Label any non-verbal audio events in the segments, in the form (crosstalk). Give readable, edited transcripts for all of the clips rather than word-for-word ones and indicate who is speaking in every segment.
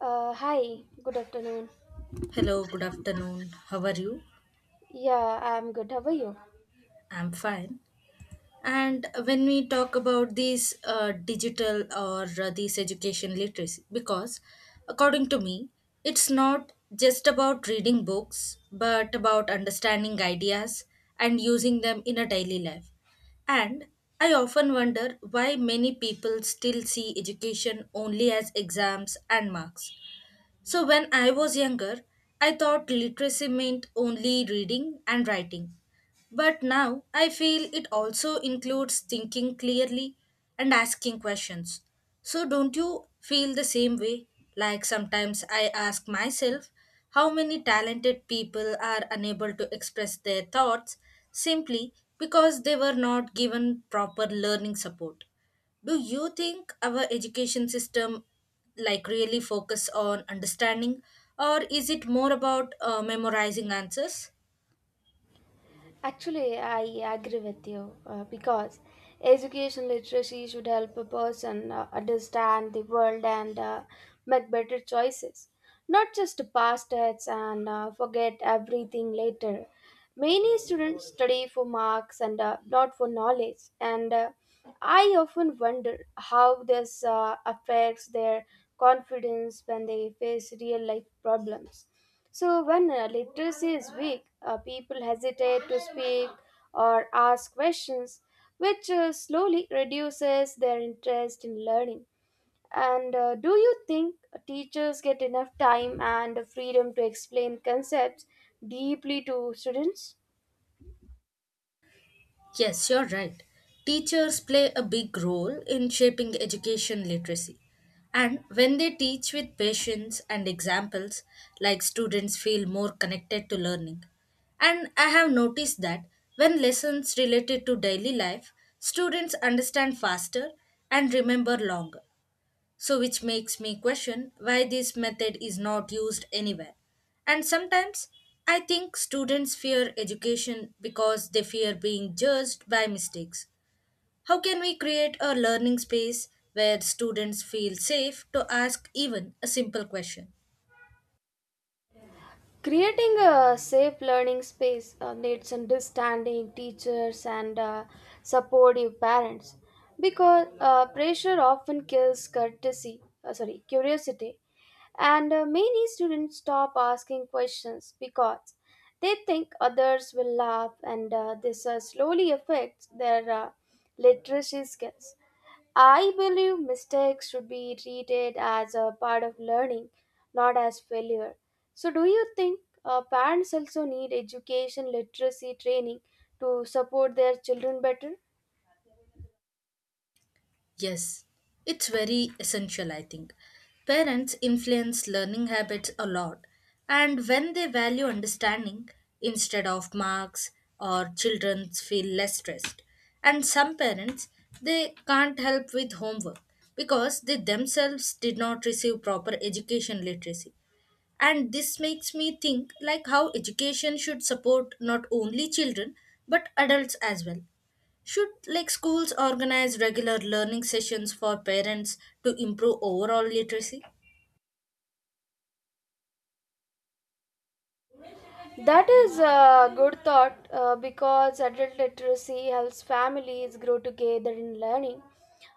Speaker 1: Hi, good afternoon.
Speaker 2: Hello, good afternoon. How are you?
Speaker 1: Yeah, I'm good. How are you?
Speaker 2: I'm fine. And when we talk about these digital or these education literacy, because according to me, it's not just about reading books, but about understanding ideas and using them in a daily life. And I often wonder why many people still see education only as exams and marks. So, when I was younger, I thought literacy meant only reading and writing. But now I feel it also includes thinking clearly and asking questions. So, don't you feel the same way? Like sometimes I ask myself how many talented people are unable to express their thoughts simply because they were not given proper learning support. Do you think our education system like really focus on understanding, or is it more about memorizing answers?
Speaker 1: Actually, I agree with you because education literacy should help a person understand the world and make better choices, not just pass tests and forget everything later. Many students study for marks and not for knowledge, and I often wonder how this affects their confidence when they face real life problems. So, when literacy is weak, people hesitate to speak or ask questions, which slowly reduces their interest in learning. And do you think teachers get enough time and freedom to explain concepts deeply to students?
Speaker 2: Yes, you're right. Teachers play a big role in shaping education literacy, and when they teach with patience and examples, like students feel more connected to learning. And I have noticed that when lessons related to daily life, students understand faster and remember longer. So, which makes me question why this method is not used anywhere. And sometimes I think students fear education because they fear being judged by mistakes. How can we create a learning space where students feel safe to ask even a simple question?
Speaker 1: Creating a safe learning space needs understanding teachers and supportive parents because pressure often kills curiosity, and many students stop asking questions because they think others will laugh, and this slowly affects their literacy skills. I believe mistakes should be treated as a part of learning, not as failure. So, do you think parents also need education literacy training to support their children better?
Speaker 2: Yes, it's very essential, I think. Parents influence learning habits a lot, and when they value understanding instead of marks, or children feel less stressed. And some parents, they can't help with homework because they themselves did not receive proper education literacy. And this makes me think like how education should support not only children but adults as well. Should like schools organize regular learning sessions for parents to improve overall literacy?
Speaker 1: That is a good thought because adult literacy helps families grow together in learning.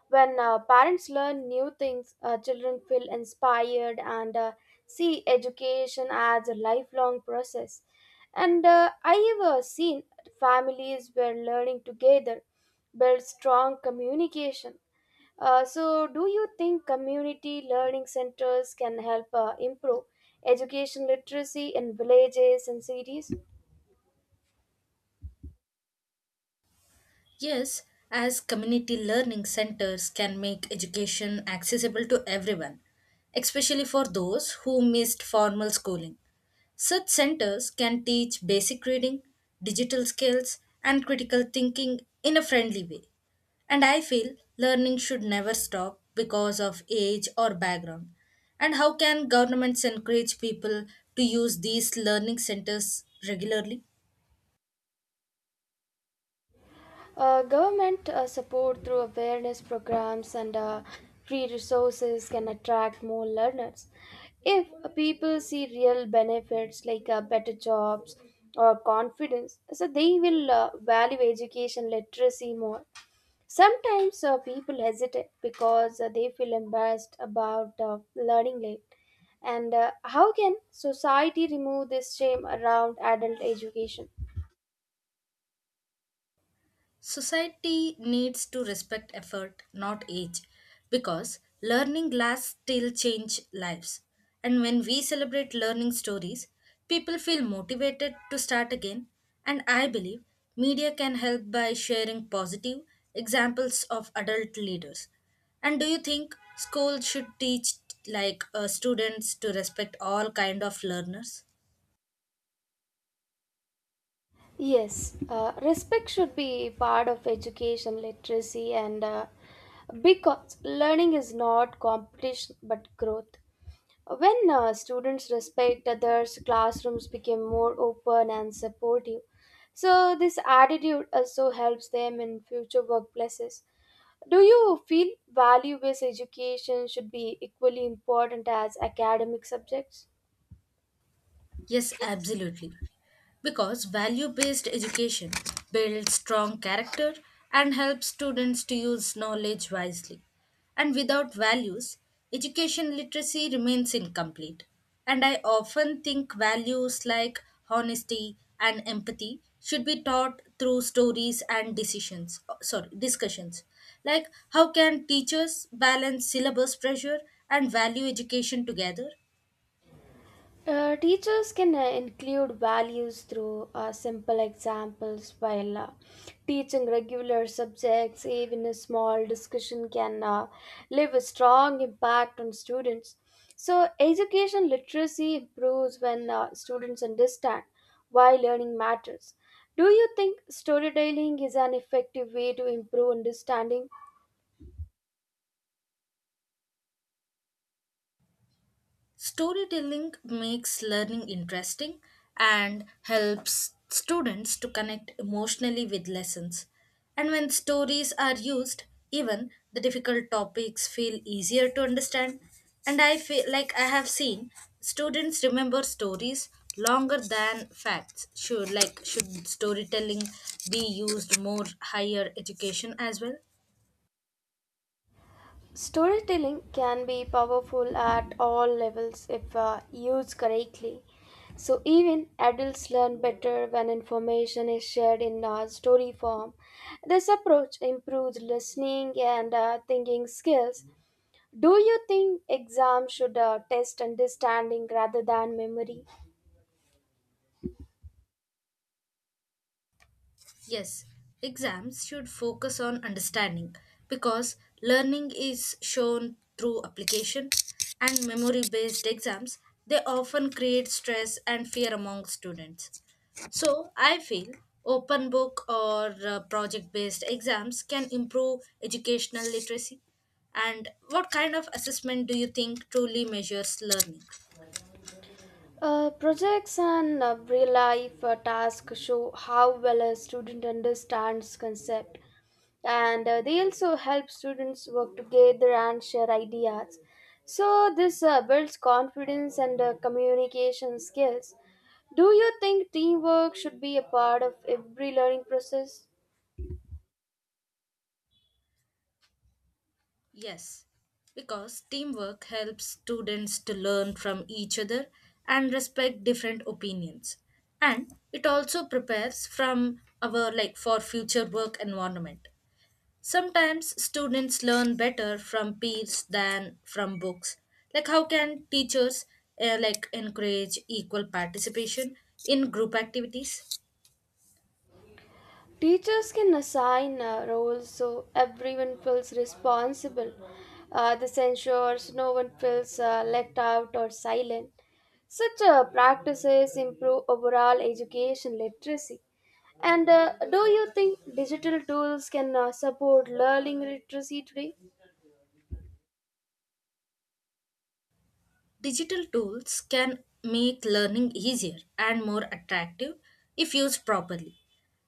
Speaker 1: When parents learn new things, children feel inspired and see education as a lifelong process. And I have seen families where learning together builds strong communication. So, do you think community learning centers can help improve education literacy in villages and cities?
Speaker 2: Yes, as community learning centers can make education accessible to everyone, especially for those who missed formal schooling. Such centers can teach basic reading, digital skills, and critical thinking in a friendly way. And I feel learning should never stop because of age or background. And how can governments encourage people to use these learning centers regularly?
Speaker 1: Government support through awareness programs and free resources can attract more learners. If people see real benefits like better jobs or confidence, so they will value education literacy more. Sometimes people hesitate because they feel embarrassed about learning late. And how can society remove this shame around adult education?
Speaker 2: Society needs to respect effort, not age, because learning lasts till change lives. And when we celebrate learning stories, people feel motivated to start again. And I believe media can help by sharing positive examples of adult leaders. And do you think schools should teach like students to respect all kind of learners?
Speaker 1: Yes, respect should be part of education literacy, and because learning is not competition but growth. When students respect others, classrooms become more open and supportive. So, this attitude also helps them in future workplaces. Do you feel value based education should be equally important as academic subjects?
Speaker 2: Yes, absolutely. Because value based education builds strong character and helps students to use knowledge wisely. And without values, education literacy remains incomplete. And I often think values like honesty and empathy should be taught through stories and decisions, oh, sorry, discussions. Like, how can teachers balance syllabus pressure and value education together?
Speaker 1: Teachers can include values through simple examples while teaching regular subjects. Even a small discussion can leave a strong impact on students. So, education literacy improves when students understand why learning matters. Do you think storytelling is an effective way to improve understanding?
Speaker 2: Storytelling makes learning interesting and helps students to connect emotionally with lessons. And when stories are used, even the difficult topics feel easier to understand. And I feel like I have seen students remember stories longer than facts. Should storytelling be used more higher education as well?
Speaker 1: Storytelling can be powerful at all levels if used correctly. So, even adults learn better when information is shared in story form. This approach improves listening and thinking skills. Do you think exams should test understanding rather than memory?
Speaker 2: Yes, exams should focus on understanding because learning is shown through application, and memory based exams, they often create stress and fear among students. So, I feel open book or project based exams can improve educational literacy. And what kind of assessment do you think truly measures learning?
Speaker 1: Projects and real life tasks show how well a student understands concept. And they also help students work together and share ideas, so this builds confidence and communication skills. Do you think teamwork should be a part of every learning process?
Speaker 2: Yes, because teamwork helps students to learn from each other and respect different opinions. And it also prepares from our like for future work environment. Sometimes students learn better from peers than from books. Like how can teachers like encourage equal participation in group activities?
Speaker 1: Teachers can assign roles so everyone feels responsible. This ensures no one feels left out or silent. Such practices improve overall education literacy. And do you think digital tools can support learning literacy today?
Speaker 2: Digital tools can make learning easier and more attractive if used properly.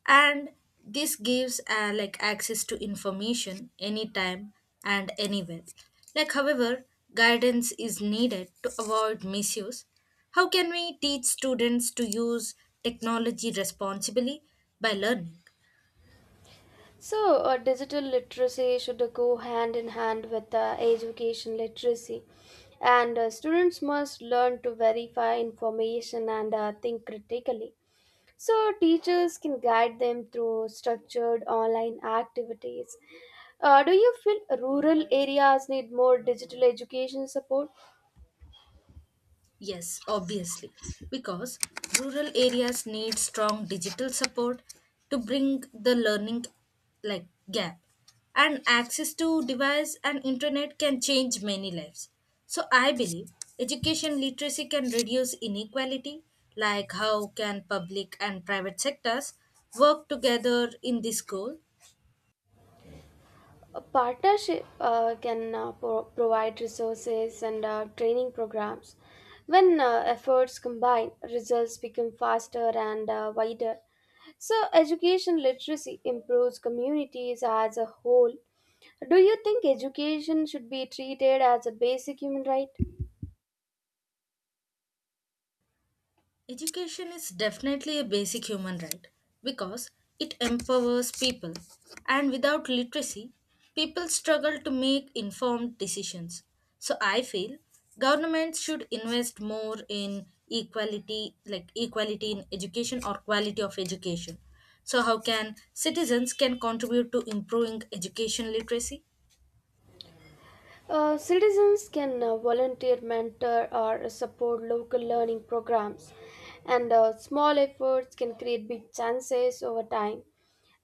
Speaker 2: And this gives like access to information anytime and anywhere. Like however, guidance is needed to avoid misuse. How can we teach students to use technology responsibly by learning?
Speaker 1: So, digital literacy should go hand in hand with education literacy, and students must learn to verify information and think critically. So, teachers can guide them through structured online activities. Do you feel rural areas need more digital education support?
Speaker 2: Yes, obviously, because rural areas need strong digital support to bring the learning like gap. And access to device and internet can change many lives. So I believe education literacy can reduce inequality. Like how can public and private sectors work together in this goal?
Speaker 1: A partnership can provide resources and training programs. When efforts combine, results become faster and wider. So, education literacy improves communities as a whole. Do you think education should be treated as a basic human right?
Speaker 2: Education is definitely a basic human right because it empowers people, and without literacy, people struggle to make informed decisions. So I feel governments should invest more in equality, like equality in education or quality of education. So how can citizens can contribute to improving education literacy?
Speaker 1: Citizens can volunteer, mentor, or support local learning programs, and small efforts can create big chances over time.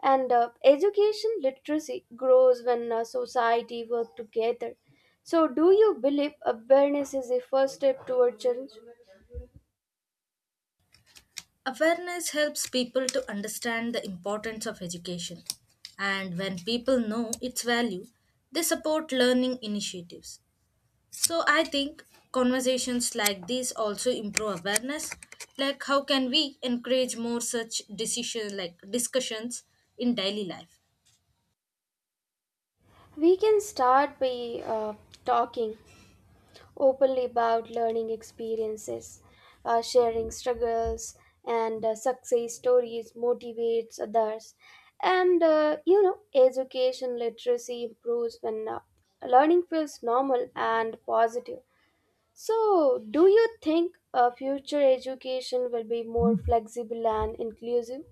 Speaker 1: And education literacy grows when society work together. So, do you believe awareness is a first step toward change?
Speaker 2: Awareness helps people to understand the importance of education, and when people know its value, they support learning initiatives. So, I think conversations like these also improve awareness. Like how can we encourage more such decision like discussions in daily life?
Speaker 1: We can start by talking openly about learning experiences, sharing struggles and success stories motivates others. And education literacy improves when learning feels normal and positive. So, do you think future education will be more flexible and inclusive?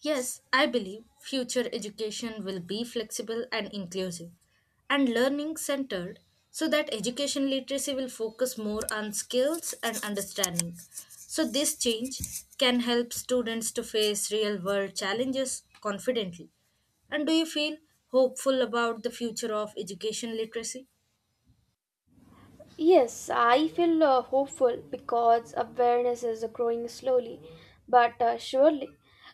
Speaker 2: Yes, I believe future education will be flexible and inclusive and learning centered, so that education literacy will focus more on skills and understanding. So, this change can help students to face real world challenges confidently. And do you feel hopeful about the future of education literacy?
Speaker 1: Yes, I feel hopeful because awareness is growing slowly but surely.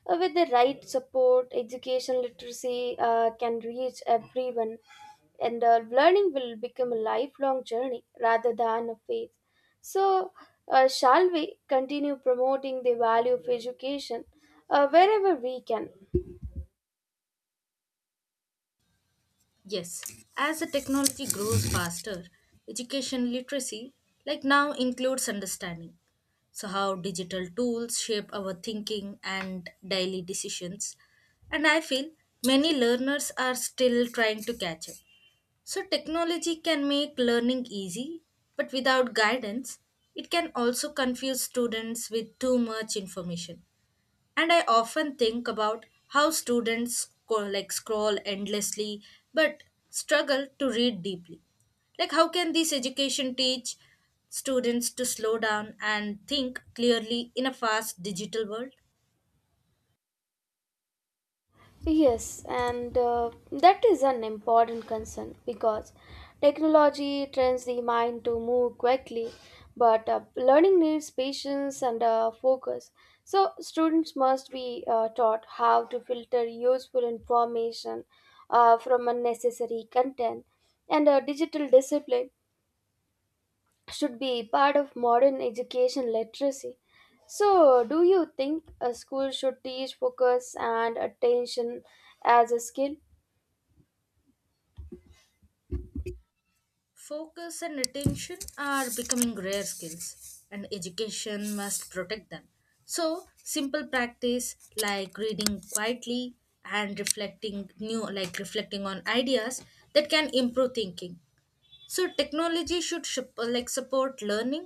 Speaker 1: With the right support, education literacy can reach everyone, and learning will become a lifelong journey rather than a phase. So, shall we continue promoting the value of education wherever we can?
Speaker 2: Yes, as the technology grows faster, education literacy, like now, includes understanding. So, how digital tools shape our thinking and daily decisions. And I feel many learners are still trying to catch up. So, technology can make learning easy, but without guidance, it can also confuse students with too much information. And I often think about how students scroll endlessly but struggle to read deeply. Like how can this education teach students to slow down and think clearly in a fast digital world?
Speaker 1: Yes, and that is an important concern because technology trains the mind to move quickly, but learning needs patience and focus. So, students must be taught how to filter useful information from unnecessary content and digital discipline should be part of modern education literacy. So, do you think a school should teach focus and attention as a skill?
Speaker 2: Focus and attention are becoming rare skills, and education must protect them. So simple practice like reading quietly and reflecting new like reflecting on ideas, that can improve thinking. So technology should support learning,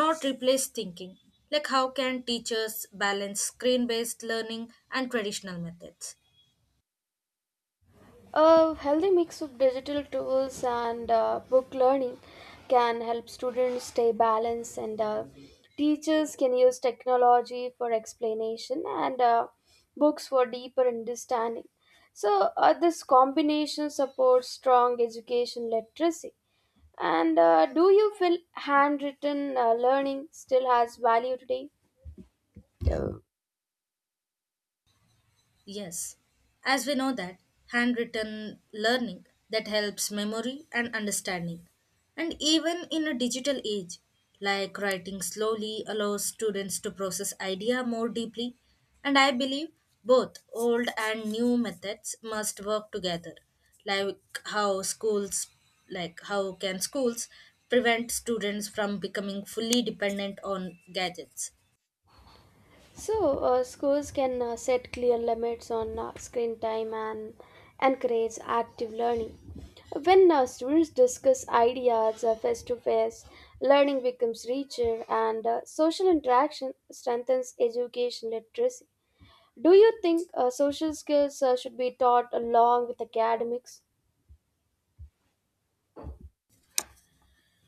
Speaker 2: not replace thinking. Like how can teachers balance screen-based learning and traditional methods?
Speaker 1: A healthy mix of digital tools and book learning can help students stay balanced, and teachers can use technology for explanation and books for deeper understanding. So, this combination supports strong education literacy. And do you feel handwritten learning still has value today?
Speaker 2: Yes, as we know that handwritten learning that helps memory and understanding. And even in a digital age, like writing slowly allows students to process idea more deeply. And I believe both old and new methods must work together. Like how schools how can schools prevent students from becoming fully dependent on gadgets?
Speaker 1: So, schools can set clear limits on screen time and encourage active learning. When students discuss ideas face to face, learning becomes richer and social interaction strengthens education literacy. Do you think social skills should be taught along with academics?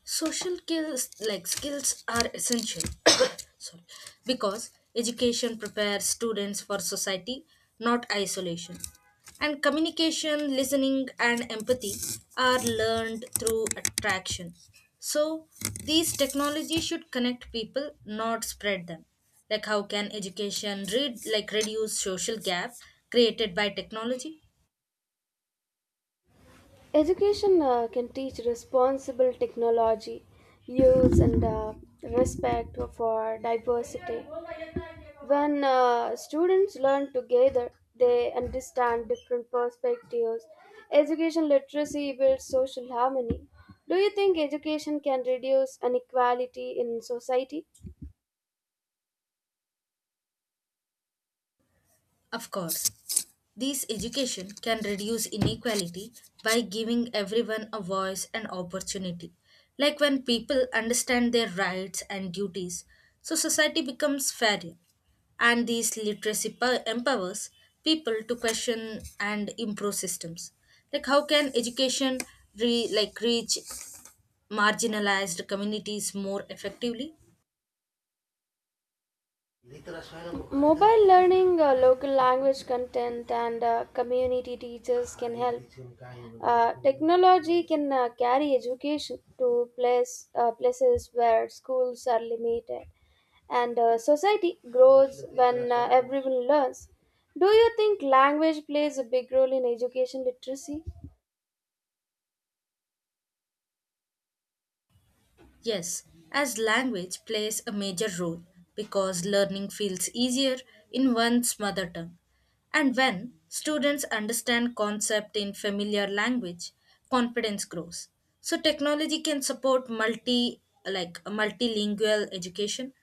Speaker 2: Social skills are essential (coughs) sorry, because education prepares students for society, not isolation. And communication, listening and empathy are learned through attraction. So these technologies should connect people, not spread them. Like how can education read like reduce social gap created by technology?
Speaker 1: Education can teach responsible technology use and respect for diversity. When students learn together, they understand different perspectives. Education literacy builds social harmony. Do you think education can reduce inequality in society?
Speaker 2: Of course. This education can reduce inequality by giving everyone a voice and opportunity. Like when people understand their rights and duties, so society becomes fairer. And this literacy empowers people to question and improve systems. Like how can education reach marginalized communities more effectively?
Speaker 1: Mobile learning, local language content, and community teachers can help. Technology can carry education to places where schools are limited, and society grows when everyone learns. Do you think language plays a big role in education literacy?
Speaker 2: Yes, as language plays a major role because learning feels easier in one's mother tongue. And when students understand concept in familiar language, confidence grows. So technology can support multilingual education.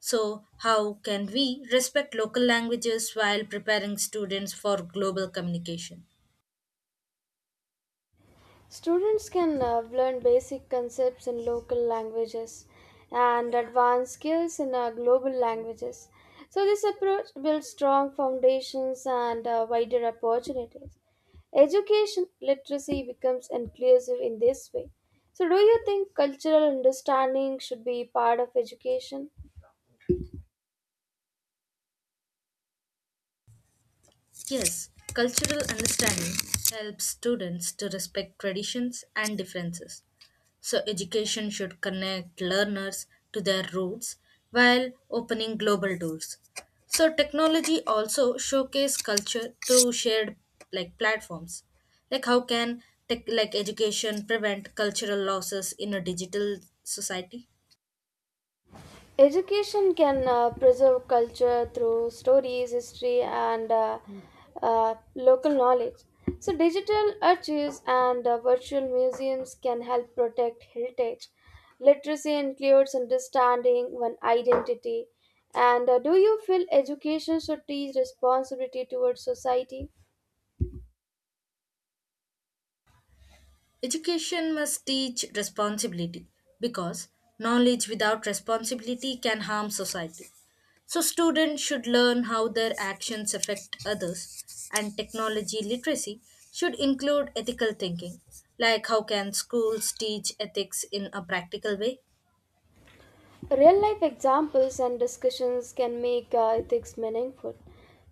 Speaker 2: So how can we respect local languages while preparing students for global communication?
Speaker 1: Students can learn basic concepts in local languages and advanced skills in global languages. So, this approach builds strong foundations and wider opportunities. Education literacy becomes inclusive in this way. So, do you think cultural understanding should be part of education?
Speaker 2: Yes, cultural understanding helps students to respect traditions and differences. So, education should connect learners to their roots while opening global doors. So, technology also showcase culture through shared like platforms. Like how can tech like education prevent cultural losses in a digital society?
Speaker 1: Education can preserve culture through stories, history, and local knowledge. So, digital archives and virtual museums can help protect heritage. Literacy includes understanding one identity. And do you feel education should teach responsibility towards society?
Speaker 2: Education must teach responsibility because knowledge without responsibility can harm society. So, students should learn how their actions affect others, and technology literacy should include ethical thinking. Like, how can schools teach ethics in a practical way?
Speaker 1: Real life examples and discussions can make ethics meaningful.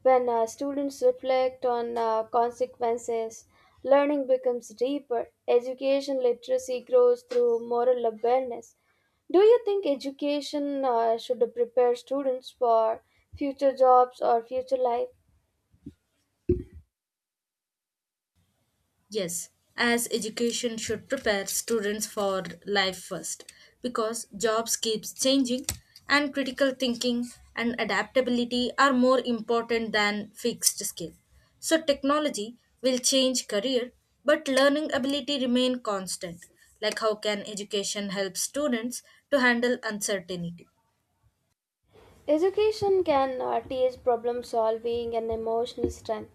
Speaker 1: When students reflect on consequences, learning becomes deeper. Education literacy grows through moral awareness. Do you think education should prepare students for future jobs or future life?
Speaker 2: Yes, as education should prepare students for life first because jobs keeps changing, and critical thinking and adaptability are more important than fixed skill. So technology will change career but learning ability remain constant. Like how can education help students to handle uncertainty?
Speaker 1: Education can teach problem solving and emotional strength.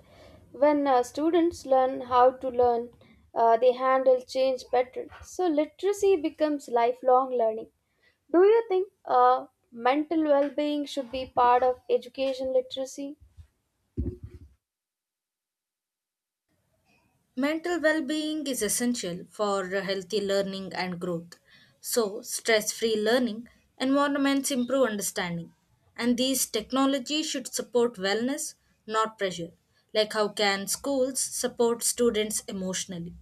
Speaker 1: When students learn how to learn, they handle change better. So, literacy becomes lifelong learning. Do you think mental well being should be part of education literacy?
Speaker 2: Mental well being is essential for healthy learning and growth. So, stress free learning environments improve understanding. And these technologies should support wellness, not pressure. Like, how can schools support students emotionally?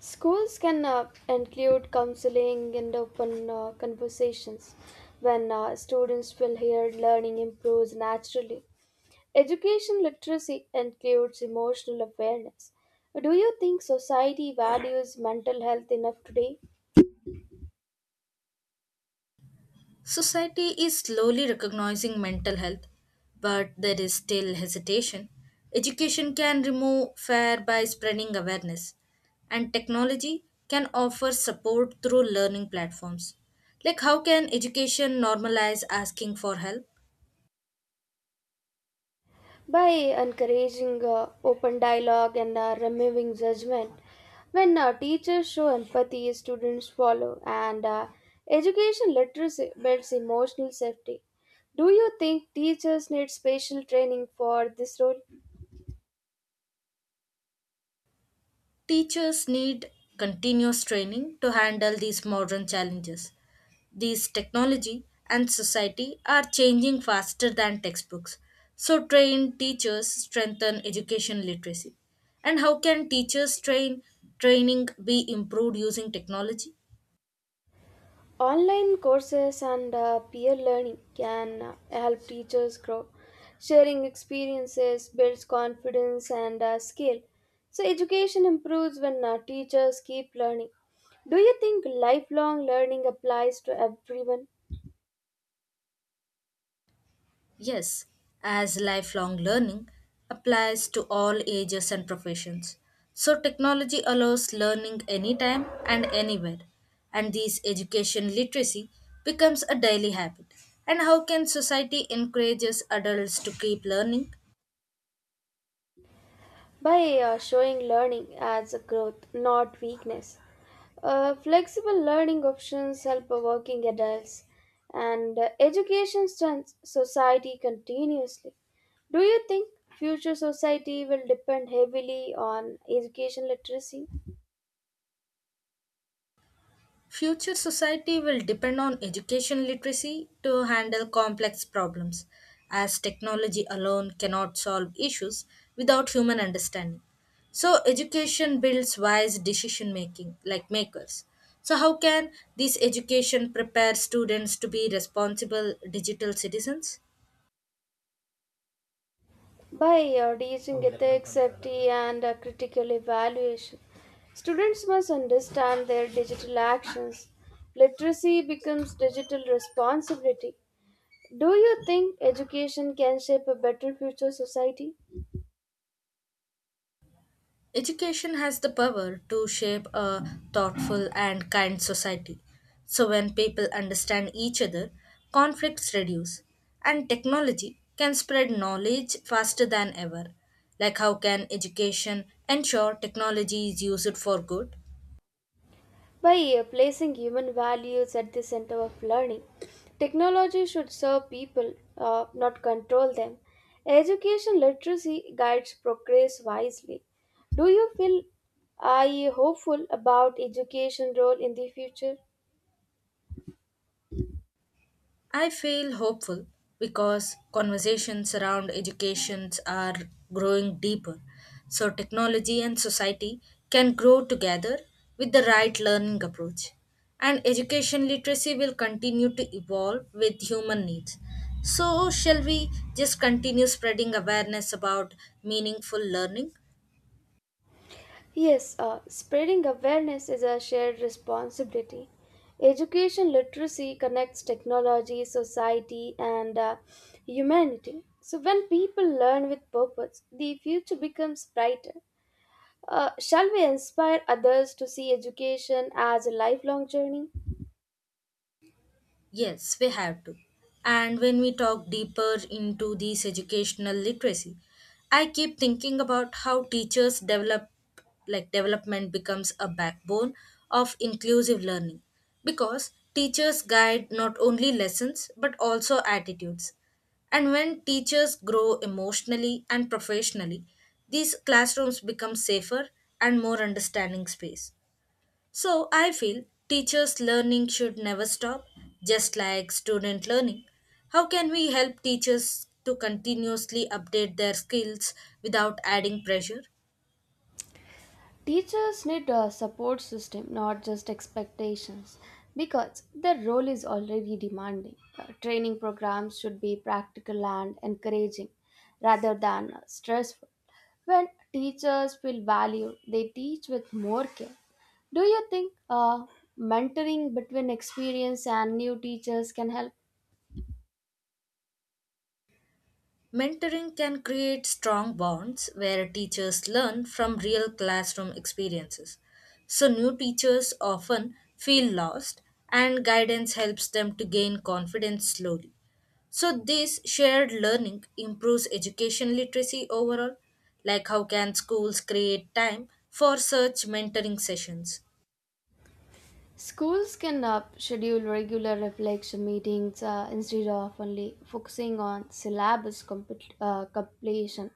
Speaker 1: Schools can include counseling and open conversations. When students feel heard, learning improves naturally. Education literacy includes emotional awareness. Do you think society values mental health enough today?
Speaker 2: Society is slowly recognizing mental health, but there is still hesitation. Education can remove fear by spreading awareness, and technology can offer support through learning platforms. Like, how can education normalize asking for help?
Speaker 1: By encouraging open dialogue and removing judgment. When teachers show empathy, students follow, and education literacy builds emotional safety. Do you think teachers need special training for this role?
Speaker 2: Teachers need continuous training to handle these modern challenges. These technology and society are changing faster than textbooks. So, trained teachers strengthen education literacy. And how can teachers train training be improved using technology?
Speaker 1: Online courses and peer learning can help teachers grow. Sharing experiences builds confidence and skill. So, education improves when teachers keep learning. Do you think lifelong learning applies to everyone?
Speaker 2: Yes, as lifelong learning applies to all ages and professions. So, technology allows learning anytime and anywhere, and this education literacy becomes a daily habit. And how can society encourages adults to keep learning?
Speaker 1: By showing learning as a growth, not weakness. Flexible learning options help working adults, and education strengthens society continuously. Do you think future society will depend heavily on education literacy?
Speaker 2: Future society will depend on education literacy to handle complex problems, as technology alone cannot solve issues without human understanding. So, education builds wise decision making, like makers. So, how can this education prepare students to be responsible digital citizens?
Speaker 1: By teaching ethics, safety, and critical evaluation, students must understand their digital actions. Literacy becomes digital responsibility. Do you think education can shape a better future society?
Speaker 2: Education has the power to shape a thoughtful and kind society. So, when people understand each other, conflicts reduce, and technology can spread knowledge faster than ever. Like, how can education ensure technology is used for good?
Speaker 1: By placing human values at the center of learning, technology should serve people, not control them. Education literacy guides progress wisely. Do you feel are you hopeful about education role in the future?
Speaker 2: I feel hopeful because conversations around educations are growing deeper. So, technology and society can grow together with the right learning approach. And education literacy will continue to evolve with human needs. So, shall we just continue spreading awareness about meaningful learning?
Speaker 1: Yes, spreading awareness is a shared responsibility. Education literacy connects technology, society, and humanity. So, when people learn with purpose, the future becomes brighter. Shall we inspire others to see education as a lifelong journey?
Speaker 2: Yes, we have to. And when we talk deeper into this educational literacy, I keep thinking about how teachers develop like development becomes a backbone of inclusive learning because teachers guide not only lessons but also attitudes. And when teachers grow emotionally and professionally, these classrooms become safer and more understanding space. So I feel teachers' learning should never stop, just like student learning. How can we help teachers to continuously update their skills without adding pressure?
Speaker 1: Teachers need a support system, not just expectations, because their role is already demanding. Training programs should be practical and encouraging rather than stressful. When teachers feel valued, they teach with more care. Do you think mentoring between experienced and new teachers can help?
Speaker 2: Mentoring can create strong bonds where teachers learn from real classroom experiences. So, new teachers often feel lost, and guidance helps them to gain confidence slowly. So this shared learning improves education literacy overall. Like how can schools create time for such mentoring sessions?
Speaker 1: Schools can schedule regular reflection meetings instead of only focusing on syllabus completion.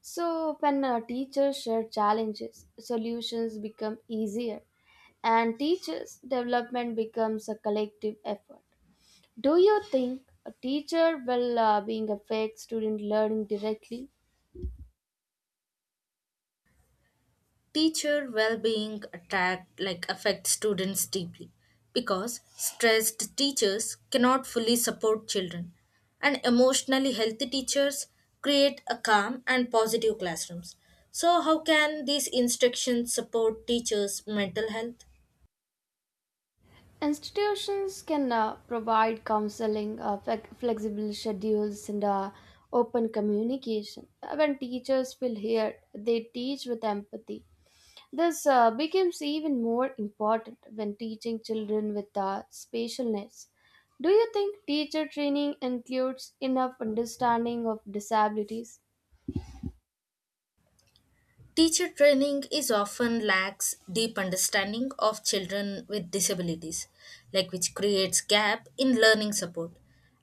Speaker 1: So, when teachers share challenges, solutions become easier, and teachers' development becomes a collective effort. Do you think a teacher will being affect student learning directly?
Speaker 2: Teacher well-being attract like affects students deeply because stressed teachers cannot fully support children, and emotionally healthy teachers create a calm and positive classrooms. So how can these instructions support teachers' mental health?
Speaker 1: Institutions can provide counseling, flexible schedules, and open communication. When teachers feel heard, they teach with empathy. This becomes even more important when teaching children with special needs. Do you think teacher training includes enough understanding of disabilities?
Speaker 2: Teacher training is often lacks deep understanding of children with disabilities, like which creates gap in learning support.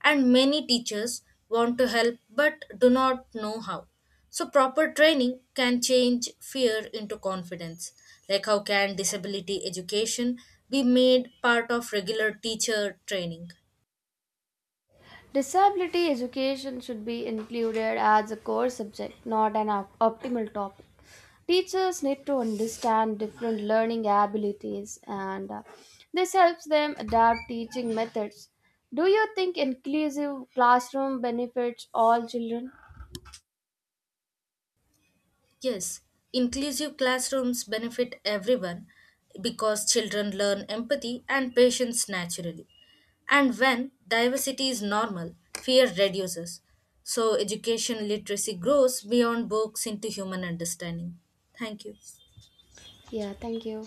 Speaker 2: And many teachers want to help but do not know how. So proper training can change fear into confidence. Like how can disability education be made part of regular teacher training?
Speaker 1: Disability education should be included as a core subject, not an optimal topic. Teachers need to understand different learning abilities, and this helps them adapt teaching methods. Do you think inclusive classroom benefits all children?
Speaker 2: Yes, inclusive classrooms benefit everyone because children learn empathy and patience naturally. And when diversity is normal, fear reduces. So education literacy grows beyond books into human understanding. Thank you.
Speaker 1: Yeah, thank you.